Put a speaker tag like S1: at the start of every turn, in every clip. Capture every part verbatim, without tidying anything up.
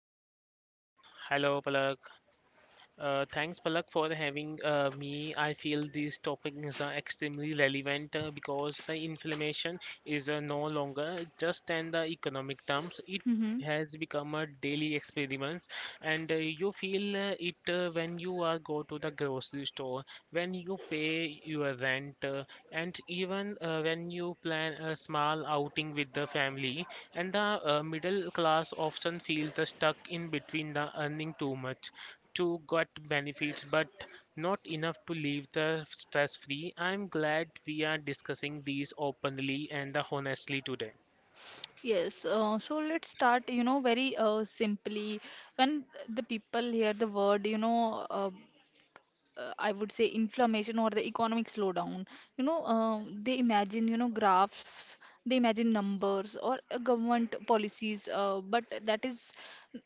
S1: Palak, for uh, hello, Palak. Uh, thanks, Palak, for having uh, me. I feel these topics are extremely relevant uh, because the inflammation is uh, no longer just in the economic terms. It
S2: Mm-hmm.
S1: has become a daily experiment, and uh, you feel uh, it uh, when you are go to the grocery store, when you pay your rent, uh, and even uh, when you plan a small outing with the family. And the uh, middle class often feels uh, stuck in between the earning too much too got benefits, but not enough to leave the stress free. I'm glad we are discussing these openly and honestly today.
S2: Yes, uh, so let's start, you know, very uh, simply. When the people hear the word, you know, uh, uh, I would say, inflammation or the economic slowdown. You know, uh, they imagine, you know, graphs, they imagine numbers or uh, government policies, uh, but that is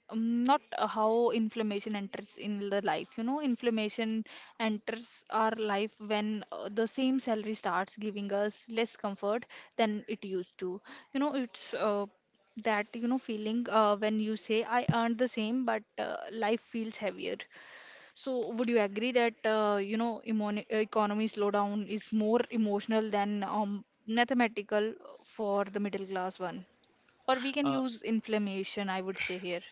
S2: um, not uh, how inflammation enters in the life. You know, inflammation enters our life when uh, the same salary starts giving us less comfort than it used to. You know, it's uh, that you know feeling uh, when you say, I earned the same, but uh, life feels heavier. So, would you agree that uh, you know emoni- economy slowdown is more emotional than um, mathematical for the middle class one? Or we can
S1: Uh,
S2: use inflammation, I would say here.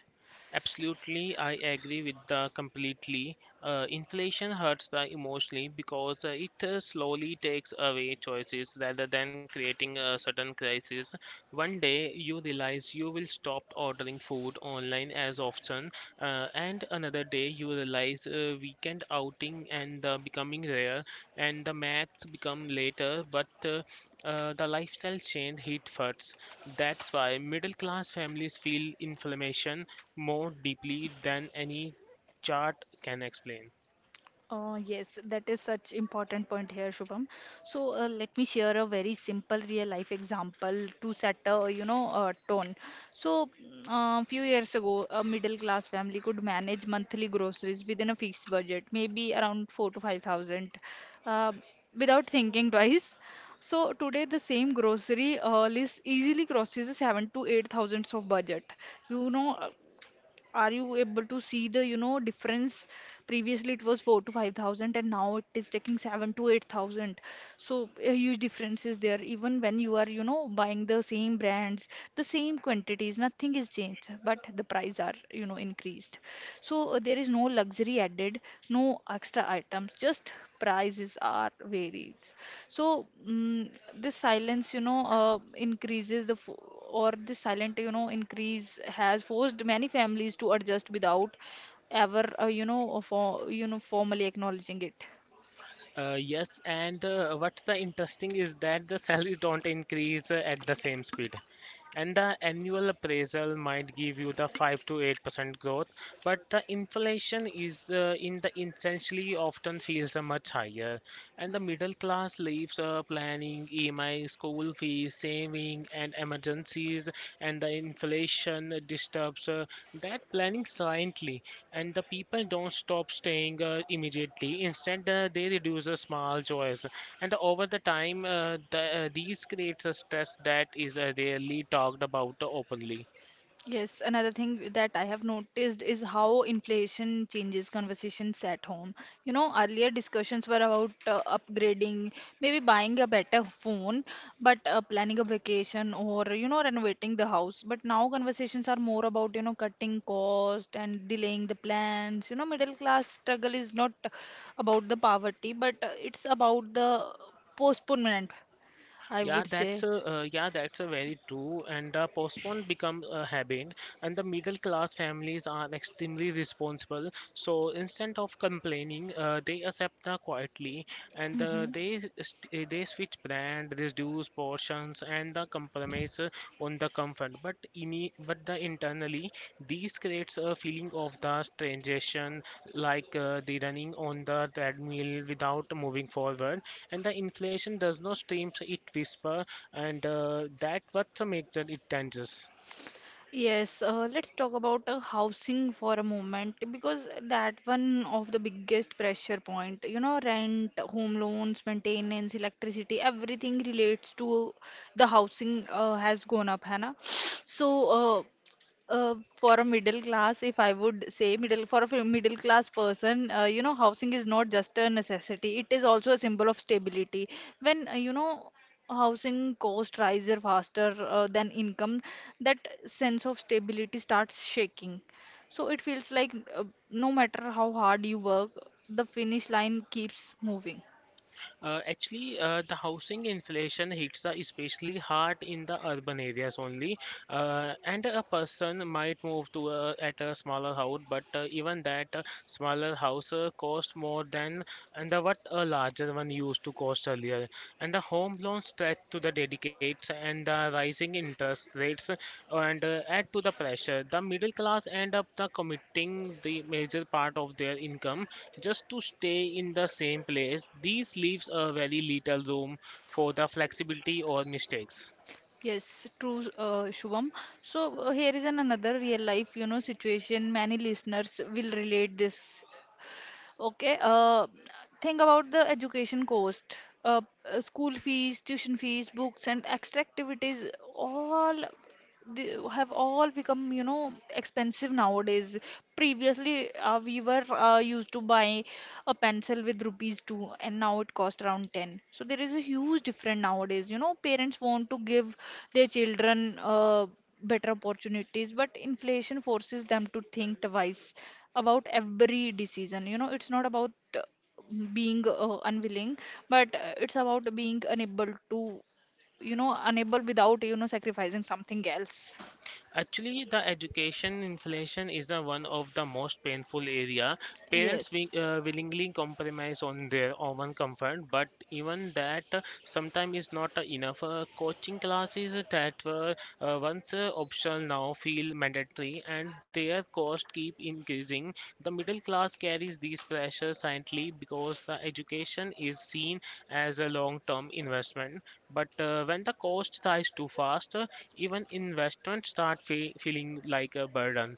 S1: Absolutely, I agree with the completely. Uh, inflation hurts the emotionally because uh, it uh, slowly takes away choices rather than creating a sudden crisis. One day you realize you will stop ordering food online as often, uh, and another day you realize uh, weekend outing and uh, becoming rare, and the maths become later, but uh, uh, the lifestyle change hit first. That's why middle class families feel inflammation more deeply than any chart can explain.
S2: Uh, yes, that is such important point here, Shubham. So uh, let me share a very simple real life example to set a you know uh tone. So mm, uh, few years ago, a middle class family could manage monthly groceries within a fixed budget, maybe around four to five thousand, uh, without thinking twice. So today, the same grocery uh, list easily crosses the seven to eight thousands of budget. You know, are you able to see the you know difference? Previously, it was four to five thousand, and now it is taking seven to eight thousand. So a huge difference is there. Even when you are you know buying the same brands, the same quantities, nothing is changed, but the price are you know increased. So uh, there is no luxury added, no extra items, just prices are varies. So mm this silence, you know, uh, increases the fo or this silent, you know, increase has forced many families to adjust without ever, uh, you know, for you know, formally acknowledging it.
S1: Uh, yes, and uh, what's the interesting is that the salaries don't increase uh, at the same speed, and the annual appraisal might give you the five to eight percent growth, but the inflation is uh, in the essentially often feels uh, much higher, and the middle class lives uh, planning, E M I, school fees, saving, and emergencies, and the inflation disturbs uh, that planning silently, and the people don't stop staying uh, immediately, instead uh, they reduce the small joys, and the- over the time, uh, the, uh, these creates a stress that is uh, rarely talked about openly.
S2: Yes, another thing that I have noticed is how inflation changes conversations at home. You know, earlier discussions were about uh, upgrading, maybe buying a better phone, but uh, planning a vacation or, you know, renovating the house. But now conversations are more about, you know, cutting cost and delaying the plans. You know, middle class struggle is not about the poverty, but uh, it's about the postponement, I
S1: Yeah
S2: would
S1: that's
S2: say.
S1: a, uh, yeah, that's a very true, and the postpone become a habit, and the middle class families are extremely responsible, so instead of complaining, uh, they accept the quietly, and uh,
S2: Hmm.
S1: they st- they switch brand, reduce portions, and the compromise uh, on the comfort. But in but the internally, these creates a feeling of the transition, like uh, the running on the treadmill without moving forward, and the inflation does not stream it whisper, and uh, that what makes it dangerous.
S2: Yes, uh, let's talk about uh, housing for a moment, because that one of the biggest pressure point. You know, rent, home loans, maintenance, electricity, everything relates to the housing uh, has gone up, है ना? So, uh, uh, for a middle class, if I would say, middle for a fi- middle class person, uh, you know, housing is not just a necessity; it is also a symbol of stability. When uh, you know housing cost rises faster uh, than income, that sense of stability starts shaking. So it feels like uh, no matter how hard you work, the finish line keeps moving.
S1: Uh, actually, uh, the housing inflation hits the especially hard in the urban areas only, uh, and a person might move to a, at a smaller house, but uh, even that uh, smaller house uh, cost more than and the, what a larger one used to cost earlier. And the home loan stretch to the dedicates and the rising interest rates, and uh, add to the pressure. The middle class end up the committing the major part of their income just to stay in the same place. This leaves a very little room for the flexibility or mistakes.
S2: Yes, true, uh, Shubham. So uh, here is an another real life, you know, situation. Many listeners will relate this. Okay, uh, think about the education cost. Uh, uh, school fees, tuition fees, books, and extra activities all they have all become, you know, expensive nowadays. Previously, uh, we were uh, used to buy a pencil with rupees two, and now it costs around ten. So there is a huge difference nowadays. You know, parents want to give their children uh, better opportunities, but inflation forces them to think twice about every decision. You know, it's not about uh, being uh, unwilling, but uh, it's about being unable to you know unable without you know sacrificing something else.
S1: Actually, the education inflation is the one of the most painful area. Parents wi-
S2: Yes.
S1: uh, willingly compromise on their own comfort, but even that uh, sometimes is not uh, enough. Uh, coaching classes that were uh, once uh, optional now feel mandatory, and their cost keep increasing. The middle class carries these pressures silently because the education is seen as a long term investment. But uh, when the cost rises too fast, uh, even investments start fe feeling like a burden.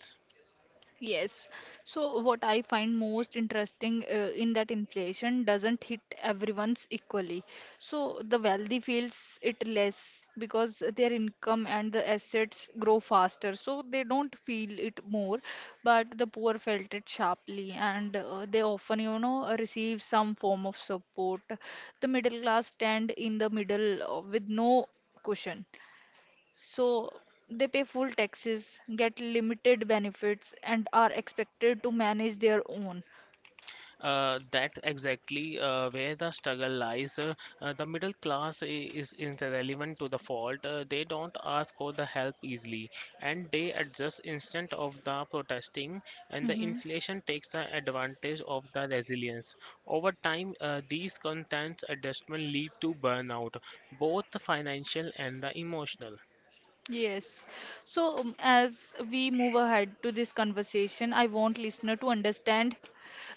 S2: Yes. So what I find most interesting, uh, in that inflation doesn't hit everyone's equally. So the wealthy feels it less because their income and the assets grow faster. So they don't feel it more, but the poor felt it sharply, and uh, they often, you know, receive some form of support. The middle class stand in the middle uh, with no cushion. So they pay full taxes, get limited benefits, and are expected to manage their own.
S1: Uh, that's exactly uh, where the struggle lies. Uh, uh, the middle class i- is irrelevant to the fault. Uh, they don't ask for the help easily, and they adjust instant of the protesting. And the
S2: Hmm.
S1: inflation takes the advantage of the resilience. Over time, uh, these content adjustment lead to burnout, both the financial and the emotional.
S2: Yes. So um, as we move ahead to this conversation, I want listener to understand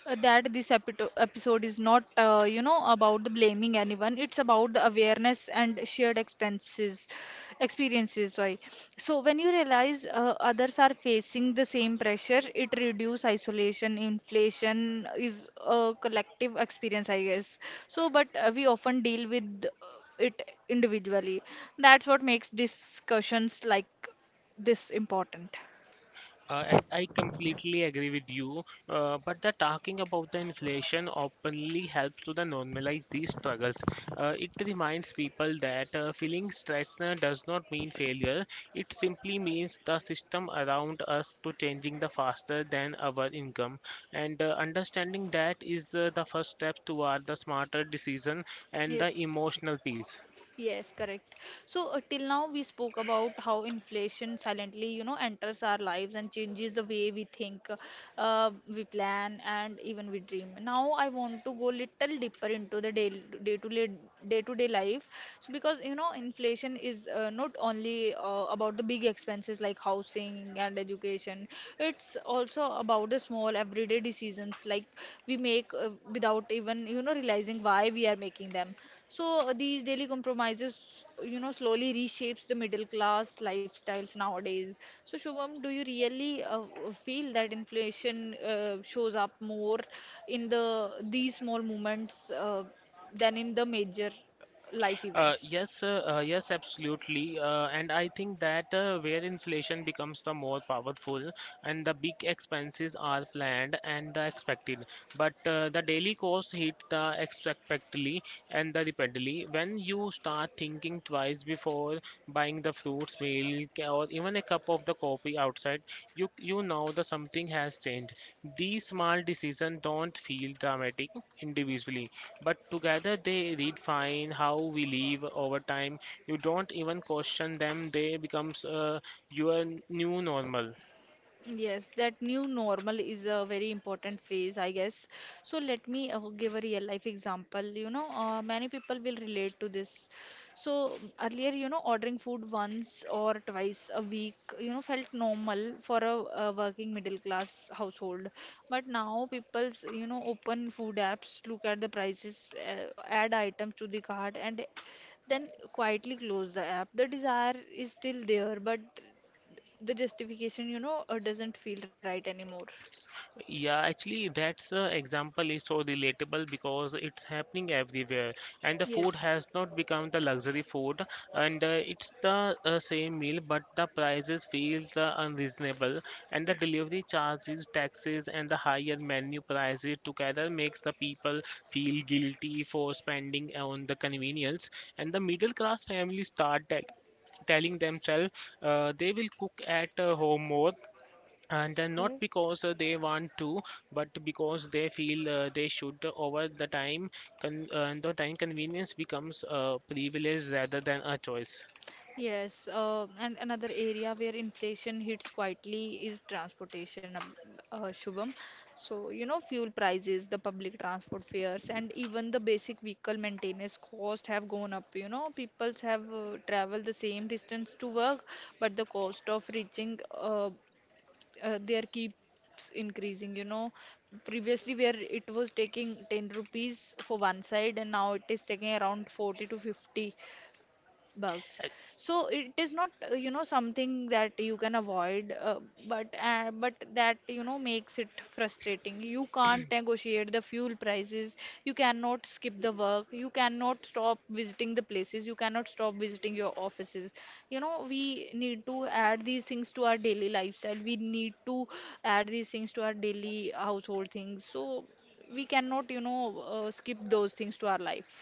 S2: uh, that this epito- episode is not uh, you know about the blaming anyone. It's about the awareness and shared expenses, experiences, sorry. So when you realize, uh, others are facing the same pressure, it reduce isolation. Inflation is a collective experience, I guess. So, but uh, we often deal with uh, it individually. That's what makes discussions like this important.
S1: Uh, I, I completely agree with you, uh, but the talking about the inflation openly helps to the normalize these struggles. Uh, it reminds people that uh, feeling stressed uh, does not mean failure. It simply means the system around us to changing the faster than our income. And uh, understanding that is uh, the first step toward the smarter decision and the
S2: Yes.
S1: emotional peace.
S2: Yes, correct. So uh, till now, we spoke about how inflation silently, you know, enters our lives and changes the way we think, uh, we plan, and even we dream. Now I want to go little deeper into the day day to day day to day life. So, because you know, inflation is uh, not only uh, about the big expenses like housing and education. It's also about the small everyday decisions like we make uh, without even you know realizing why we are making them. So uh, these daily compromises, you know, slowly reshapes the middle class lifestyles nowadays. So Shubham, do you really uh, uh, feel that inflation uh, shows up more in the these small moments uh, than in the major life
S1: Uh,
S2: events?
S1: yes, uh, uh, yes, absolutely. Uh, and I think that uh, where inflation becomes the more powerful, and the big expenses are planned and the expected, but uh, the daily costs hit the expectedly and the repeatedly. When you start thinking twice before buying the fruits, milk, or even a cup of the coffee outside, you you know that something has changed. These small decisions don't feel dramatic individually, but together they redefine how we live over time. You don't even question them; they becomes uh, your new normal.
S2: Yes, that new normal is a very important phrase, I guess. So let me uh, give a real life example. You know, uh, many people will relate to this. So earlier, you know, ordering food once or twice a week, you know, felt normal for a, a working middle class household. But now people's, you know, open food apps, look at the prices, uh, add items to the cart, and then quietly close the app. The desire is still there, but the justification, you know, uh, doesn't feel right anymore.
S1: Yeah, actually, that's uh, example is so relatable because it's happening everywhere, and the food
S2: Yes.
S1: has not become the luxury food, and uh, it's the uh, same meal, but the prices feels uh, unreasonable, and the delivery charges, taxes, and the higher menu prices together makes the people feel guilty for spending on the convenience, and the middle class families start tell- telling themselves uh, they will cook at uh, home more, and then not
S2: Okay.
S1: because uh, they want to but because they feel uh, they should. Over the time, con- uh, the time convenience becomes a privilege rather than a choice.
S2: Yes, uh, and another area where inflation hits quietly is transportation, Ab- uh, Shubham. So, you know, fuel prices, the public transport fares, and even the basic vehicle maintenance cost have gone up. You know, peoples have uh, traveled the same distance to work, but the cost of reaching uh, uh, there keeps increasing. you know previously, where it was taking ten rupees for one side, and now it is taking around forty to fifty bugs.
S1: Ac-
S2: So it is not uh, you know something that you can avoid, uh, but uh, but that you know makes it frustrating. You can't negotiate the fuel prices, you cannot skip the work, you cannot stop visiting the places, you cannot stop visiting your offices. You know we need to add these things to our daily lifestyle, we need to add these things to our daily household things. So we cannot, you know uh, skip those things to our life.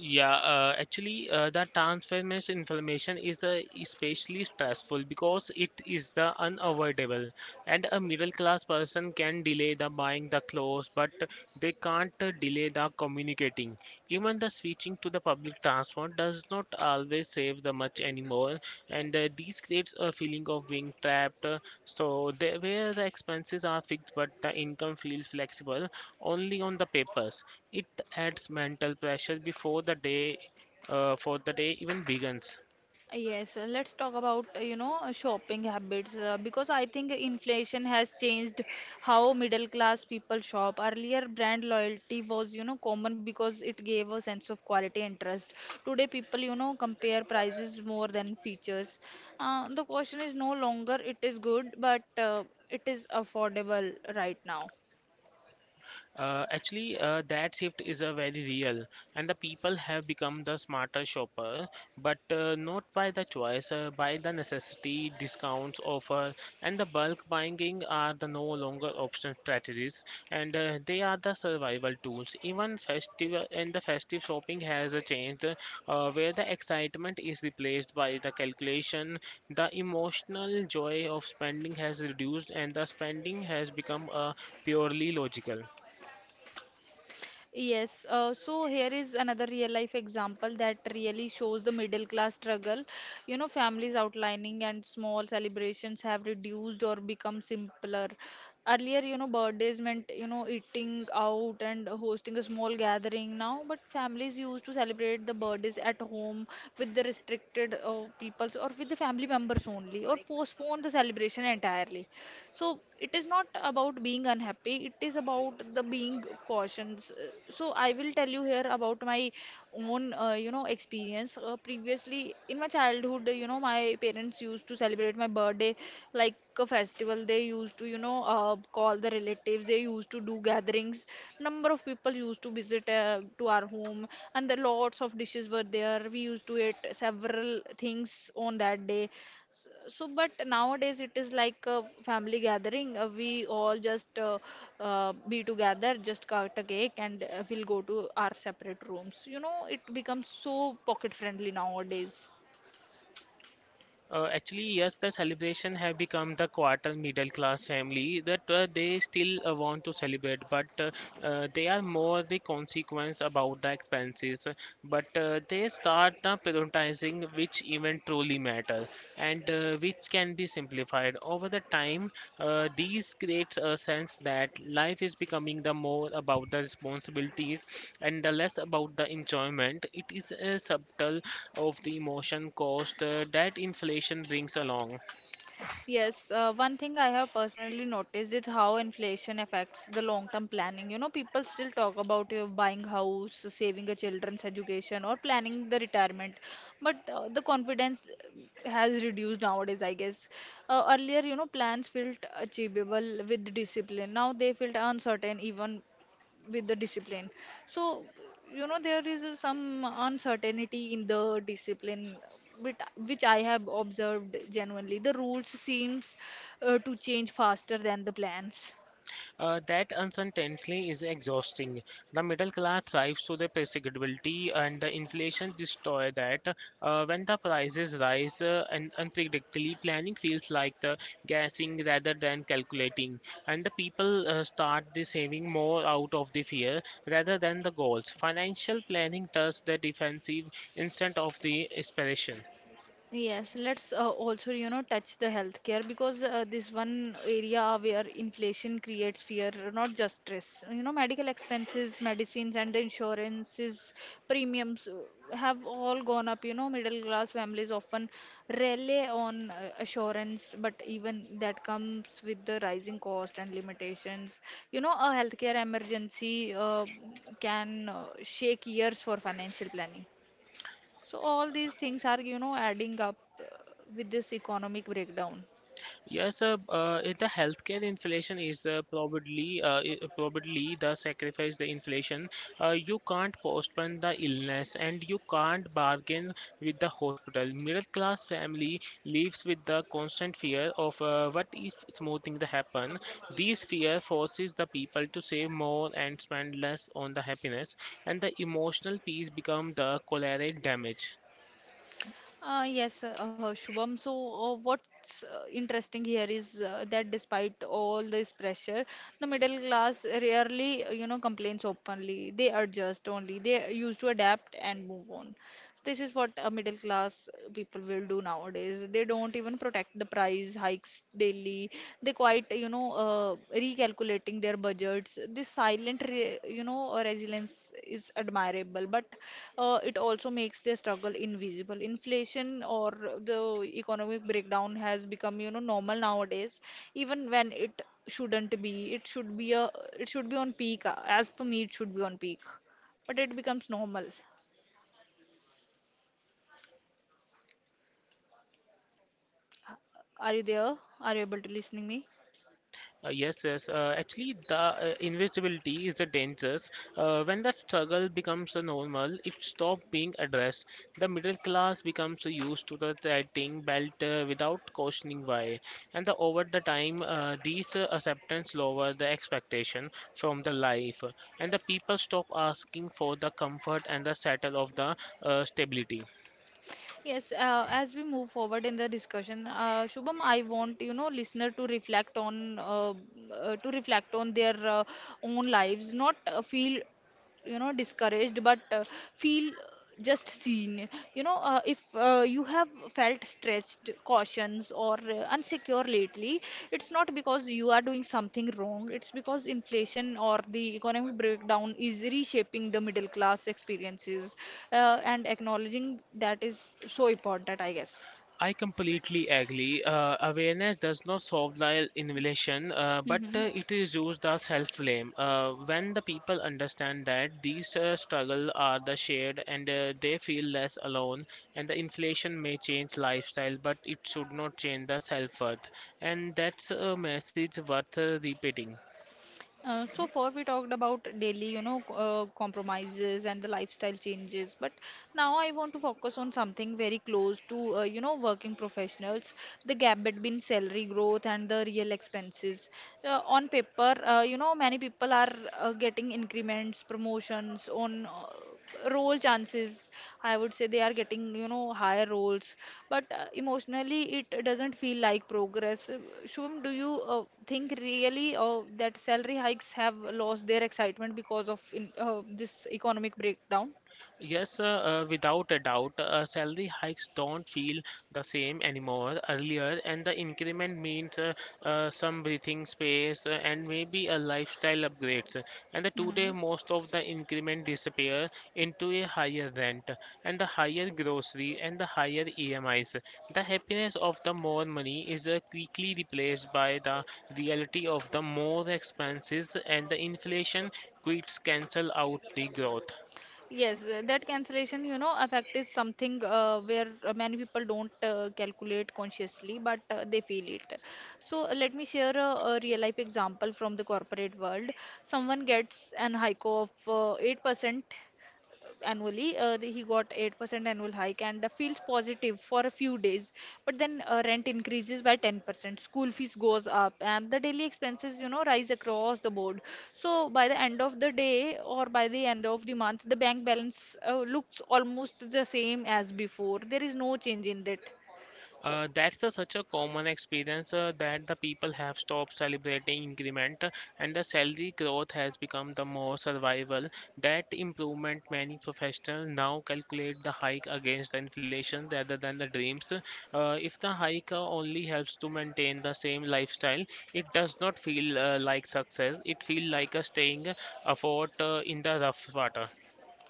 S1: yeah, uh, actually, uh, that transformation information is uh, especially stressful because it is the unavoidable, and a middle class person can delay the buying the clothes, but they can't uh, delay the communicating. Even the switching to the public transport does not always save the much anymore, and uh, these creates a feeling of being trapped. uh, So there, where the expenses are fixed but the income feels flexible only on the papers, it adds mental pressure before the day uh, for the day even begins.
S2: Yes, uh, let's talk about uh, you know uh, shopping habits, uh, because I think inflation has changed how middle class people shop. Earlier, brand loyalty was you know common because it gave a sense of quality and trust. Today, people you know compare prices more than features. Uh, the question is no longer, it is good, but uh, it is affordable right now.
S1: Uh, actually, uh, that shift is a very real, and the people have become the smarter shopper, but uh, not by the choice, uh, by the necessity, discounts, offer, and the bulk buying are the no longer option strategies, and uh, they are the survival tools. Even festival and the festive shopping has uh, changed, uh, where the excitement is replaced by the calculation. The emotional joy of spending has reduced, and the spending has become uh, purely logical.
S2: Yes, uh, so here is another real life example that really shows the middle class struggle. You know, families outlining and small celebrations have reduced or become simpler. Earlier, you know, birthdays meant, you know, eating out and hosting a small gathering now, but families used to celebrate the birthdays at home with the restricted uh, peoples, or with the family members only, or postpone the celebration entirely. So it is not about being unhappy, it is about the being cautions. Uh, so I will tell you here about my own uh, you know experience. Uh, previously, in my childhood, you know my parents used to celebrate my birthday like a festival. They used to you know uh, call the relatives, they used to do gatherings, number of people used to visit uh, to our home, and the lots of dishes were there. We used to eat several things on that day. S- So, but nowadays it is like a family gathering. Uh, we all just uh, uh, be together, just cut a cake, and uh, we'll go to our separate rooms. You know, it becomes so pocket friendly nowadays.
S1: Uh, actually, yes, the celebration have become the quarter middle class family that uh, they still uh, want to celebrate, but uh, uh, they are more the consequence about the expenses. But uh, they start the prioritizing which event truly matter, and and uh, which can be simplified. Over the time, uh, these creates a sense that life is becoming the more about the responsibilities and the less about the enjoyment. It is a subtle of the emotion cost uh, that inflation brings along.
S2: Yes, uh, one thing I have personally noticed is how inflation affects the long-term planning. You know, people still talk about you buying house, saving a children's education, or planning the retirement, but uh, the confidence has reduced nowadays, I guess. Uh, earlier, you know, plans felt achievable with discipline. Now they feel uncertain, even with the discipline, so you know there is uh, some uncertainty in the discipline which, which I have observed genuinely. The rules seems uh, to change faster than the plans.
S1: Uh, that uncertainty is exhausting. The middle class thrives to the predictability, and the inflation destroy that. Uh, when the prices rise uh, and unpredictably, planning feels like the guessing rather than calculating, and the people uh, start the saving more out of the fear rather than the goals. Financial planning does the defensive instead of the inspiration.
S2: Yes, let's uh, also, you know, touch the healthcare because uh, this one area where inflation creates fear, not just stress. You know, medical expenses, medicines, and the insurances premiums uh, have all gone up. You know, middle class families often rely on uh, assurance, but even that comes with the rising cost and limitations. You know, a healthcare emergency uh, can uh, shake years for financial planning. So all these things are, you know, adding up uh, with this economic breakdown.
S1: Yes, uh, uh, in the healthcare inflation is uh, probably uh, i- probably the sacrifice the inflation. Uh, you can't postpone the illness, and you can't bargain with the hospital. Middle class family lives with the constant fear of uh, what if smoothing the happen. These fear forces the people to save more and spend less on the happiness, and the emotional peace become the collateral damage.
S2: Uh, yes, uh, uh, Shubham. So, uh, what's uh, interesting here is uh, that despite all this pressure, the middle class rarely, uh, you know, complains openly. They adjust only. They used to adapt and move on. This is what uh, middle class people will do nowadays. They don't even protect the price hikes daily. They quite, you know, uh, recalculating their budgets. This silent, re you know, uh, resilience is admirable, but uh, it also makes their struggle invisible. Inflation or the economic breakdown has become, you know, normal nowadays, even when it shouldn't be. It should be a, it should be on peak. uh, As per me, it should be on peak, but it becomes normal. Are you there? Are you able to listening me?
S1: Uh, yes, yes. Uh, actually, the uh, invisibility is a dangerous. Uh, when that struggle becomes a normal, it stops being addressed. The middle class becomes used to the tightening belt uh, without questioning why. And the, over the time, uh, these uh, acceptance lower the expectation from the life, and the people stop asking for the comfort and the settle of the uh, stability.
S2: Yes, uh, as we move forward in the discussion, uh, Shubham, I want you know listener to reflect on uh, uh, to reflect on their uh, own lives, not uh, feel you know discouraged but uh, feel just seen, you know, uh, if uh, you have felt stretched cautions or uh, unsecure lately. It's not because you are doing something wrong, it's because inflation or the economic breakdown is reshaping the middle class experiences, uh, and acknowledging that is so important, I guess.
S1: I completely agree. Uh, awareness does not solve the invalidation, uh, but
S2: Hmm.
S1: uh, it is used as self blame. Uh, when the people understand that these uh, struggles are the shared, and uh, they feel less alone, and the inflation may change lifestyle, but it should not change the self worth. And that's a message worth uh, repeating.
S2: Uh, so far we talked about daily, you know, c- uh, compromises and the lifestyle changes. But now I want to focus on something very close to, uh, you know, working professionals, the gap between salary growth and the real expenses. Uh, on paper, uh, you know, many people are uh, getting increments, promotions on uh, role chances. I would say they are getting you know higher roles, but uh, emotionally it doesn't feel like progress. Uh, Shubham, do you uh, think really uh, that salary hikes have lost their excitement because of in, uh, this economic breakdown?
S1: Yes, uh, uh, without a doubt, uh, salary hikes don't feel the same anymore earlier, and the increment means uh, uh, some breathing space, uh, and maybe a lifestyle upgrades. And the today,
S2: Hmm.
S1: most of the increment disappear into a higher rent, and the higher grocery, and the higher E M Is. The happiness of the more money is uh, quickly replaced by the reality of the more expenses, and the inflation quits cancel out the growth.
S2: Yes, uh, that cancellation, you know, effect is something uh, where uh, many people don't uh, calculate consciously, but uh, they feel it. So uh, let me share a, a real life example from the corporate world. Someone gets an hike of uh, eight percent annually. Uh, the- he got eight percent annual hike and uh, feels positive for a few days. But then uh, rent increases by ten percent, school fees goes up, and the daily expenses, you know, rise across the board. So by the end of the day or by the end of the month, the bank balance uh, looks almost the same as before. There is no change in that. So
S1: Uh, that's a, such a common experience uh, that the people have stopped celebrating increment, uh, and the salary growth has become the more survival. That improvement many professionals now calculate the hike against the inflation rather than the dreams. Uh, if the hike uh, only helps to maintain the same lifestyle, it does not feel uh, like success. It feels like a staying uh, afloat uh, in the rough water.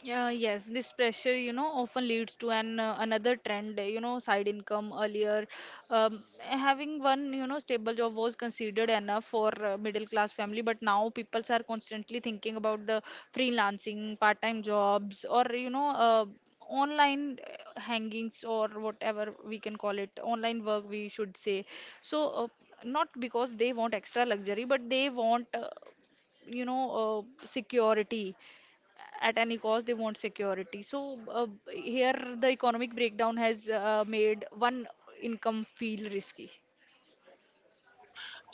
S2: Uh, yes, this pressure, you know, often leads to an uh, another trend, you know, side income earlier. Um, having one, you know, stable job was considered enough for uh, middle class family, but now people are constantly thinking about the freelancing, part-time jobs, or you know, uh, online uh, hangings, or whatever we can call it, online work we should say. So, uh, not because they want extra luxury, but they want, uh, you know, uh, security at any cost. They want security. So uh, here the economic breakdown has uh, made one income feel risky.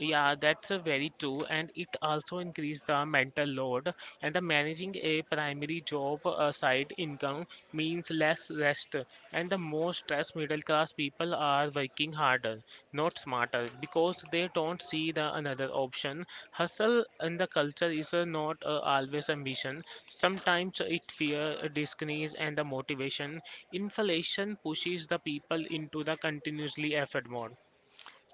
S1: Yeah, that's a very true, and it also increased the mental load. And the managing a primary job, uh, side income means less rest, and the more stressed middle class people are working harder, not smarter, because they don't see the another option. Hustle in the culture is uh, not uh, always ambition. Sometimes it fear, uh, discrease, and the motivation. Inflation pushes the people into the continuously effort mode.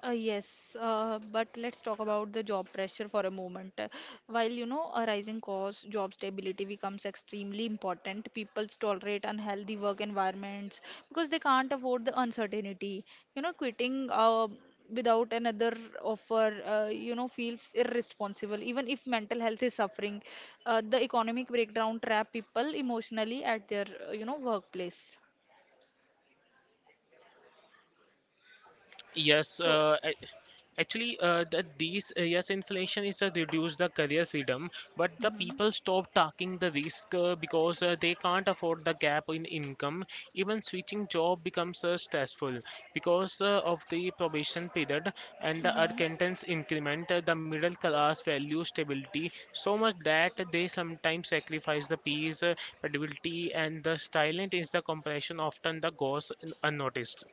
S2: Uh, yes, uh, but let's talk about the job pressure for a moment. Uh, While you know a rising cost, job stability becomes extremely important. People tolerate unhealthy work environments because they can't afford the uncertainty. You know, quitting uh, without another offer, uh, you know, feels irresponsible. Even if mental health is suffering, uh, the economic breakdown trap people emotionally at their, uh, you know, workplace.
S1: Yes,
S2: So,
S1: uh, actually, uh, the, these uh, yes, inflation is uh, reduce the career freedom, but the
S2: hmm.
S1: people stop taking the risk, uh, because uh, they can't afford the gap in income. Even switching job becomes uh, stressful because uh, of the probation period and the
S2: Hmm.
S1: acquaintance increment. Uh, the middle class value stability so much that they sometimes sacrifice the peace, uh, credibility, and the silent is the compression often the goes un- unnoticed.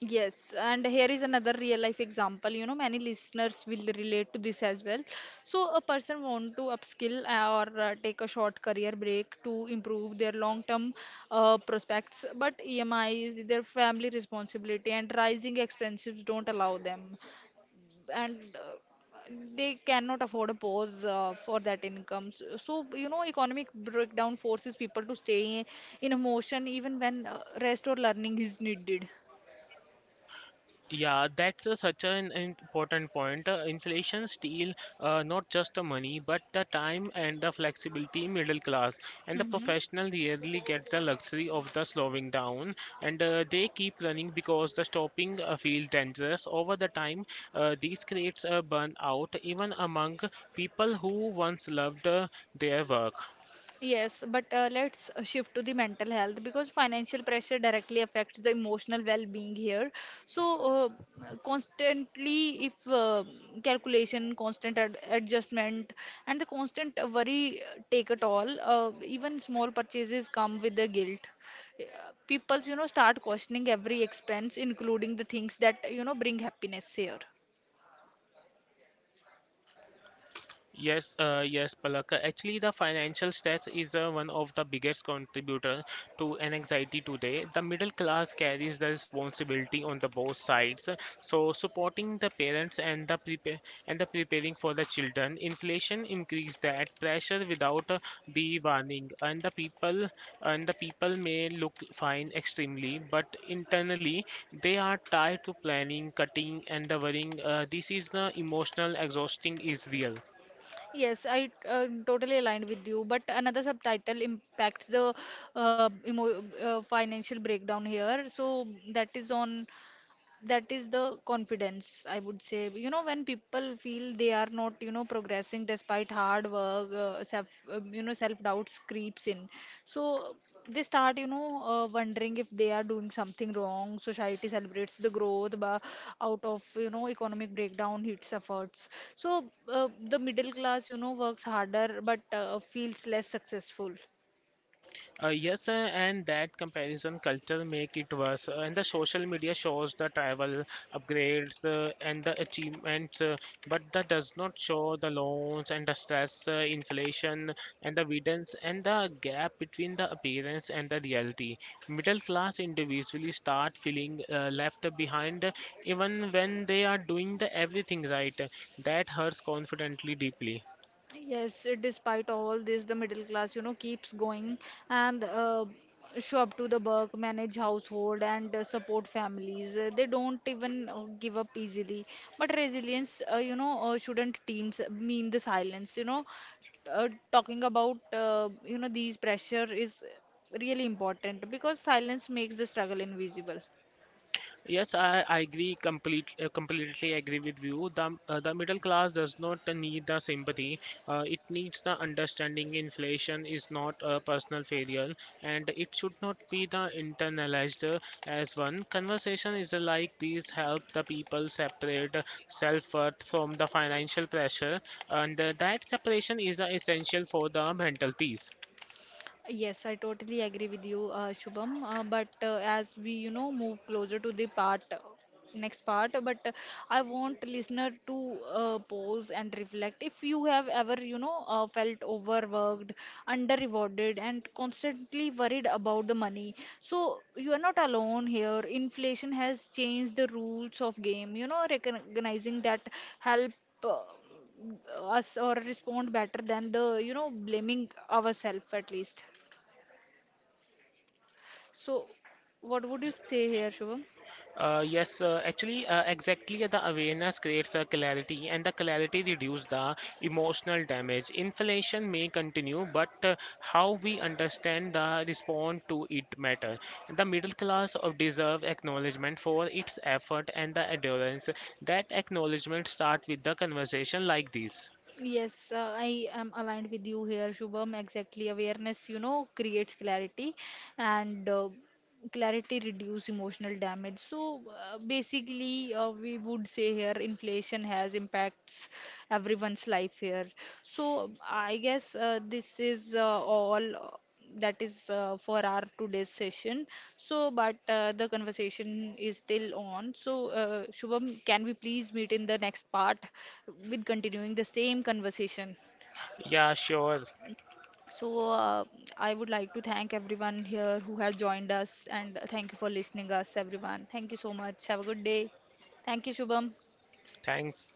S2: Yes, and here is another real life example. You know, many listeners will relate to this as well. So, a person want to upskill or uh, take a short career break to improve their long-term uh, prospects, but E M is their family responsibility, and rising expenses don't allow them. And uh, they cannot afford a pause uh, for that income. S- So, you know, economic breakdown forces people to stay in a motion even when uh, rest or learning is needed.
S1: Yeah, that's a, such an important point. Uh, inflation steal uh, not just the money, but the time and the flexibility middle class and the
S2: Mm-hmm.
S1: professional really get the luxury of the slowing down, and uh, they keep running because the stopping uh, feels dangerous. Over the time, uh, this creates a burnout even among people who once loved uh, their work.
S2: Yes, but uh, let's uh, shift to the mental health because financial pressure directly affects the emotional well-being here. So, uh, constantly, if uh, calculation, constant ad adjustment, and the constant worry take at all, uh, even small purchases come with the guilt. Uh, People's, you know, start questioning every expense, including the things that, you know, bring happiness here.
S1: Yes, uh, yes, Palak. Actually, the financial stress is uh, one of the biggest contributor to an anxiety today. The middle class carries the responsibility on the both sides. So, supporting the parents, and the prepare and the preparing for the children, inflation increase that pressure without uh, the warning, and the people and the people may look fine extremely, but internally they are tired to planning, cutting, and the worrying. Uh, this is the emotional exhausting is real.
S2: Yes, I uh, totally aligned with you. But another subtitle impacts the uh, emo uh, financial breakdown here. So that is on that is the confidence, I would say. You know, when people feel they are not, you know, progressing despite hard work, uh, self, um, you know, self-doubts creeps in. So they start, you know, uh, wondering if they are doing something wrong. Society celebrates the growth, but out of, you know, economic breakdown hits efforts. So uh, the middle class, you know, works harder but uh, feels less successful.
S1: Uh, yes, uh, and that comparison culture make it worse. Uh, and the social media shows the travel upgrades, uh, and the achievements, uh, but that does not show the loans and the stress, uh, inflation, and the evidence, and the gap between the appearance and the reality. Middle class individually start feeling uh, left behind, uh, even when they are doing the everything right. That hurts confidently deeply.
S2: Yes, despite all this, the middle class, you know, keeps going and uh, show up to the work, manage household, and uh, support families. Uh, they don't even uh, give up easily. But resilience, uh, you know, uh, shouldn't teams mean the silence. You know, uh, talking about uh, you know these pressure is really important because silence makes the struggle invisible.
S1: Yes, I, I agree complete, uh, completely agree with you. The, uh, the middle class does not need the sympathy. Uh, it needs the understanding inflation is not a personal failure, and it should not be the internalized uh, as one. Conversation is like these help the people separate self-worth from the financial pressure, and uh, that separation is uh, essential for the mental peace.
S2: Yes, I totally agree with you, uh, Shubham. Uh, but uh, as we, you know, move closer to the part, uh, next part, uh, but uh, I want listener to uh, pause and reflect. If you have ever, you know, uh, felt overworked, under-rewarded, and constantly worried about the money, so you are not alone here. Inflation has changed the rules of game. You know, recognizing that help. Uh, Us or respond better than the you know blaming ourselves at least, so, what would you say here, Shubham?
S1: Uh, yes, uh, actually, uh, exactly the awareness creates a clarity, and the clarity reduces the emotional damage. Inflation may continue, but uh, how we understand the respond to it matter. The middle class of deserve acknowledgement for its effort and the endurance. That acknowledgement start with the conversation like this.
S2: Yes, uh, I am aligned with you here, Shubham. Exactly. Awareness, you know, creates clarity and uh, clarity reduce emotional damage. So uh, basically, uh, we would say here inflation has impacts everyone's life here. So I guess uh, this is uh, all. That is uh, for our today's session. So, but uh, the conversation is still on. So, uh, Shubham, can we please meet in the next part with continuing the same conversation?
S1: Yeah, sure.
S2: So, uh, I would like to thank everyone here who has joined us, and thank you for listening us, everyone. Thank you so much. Have a good day. Thank you, Shubham.
S1: Thanks.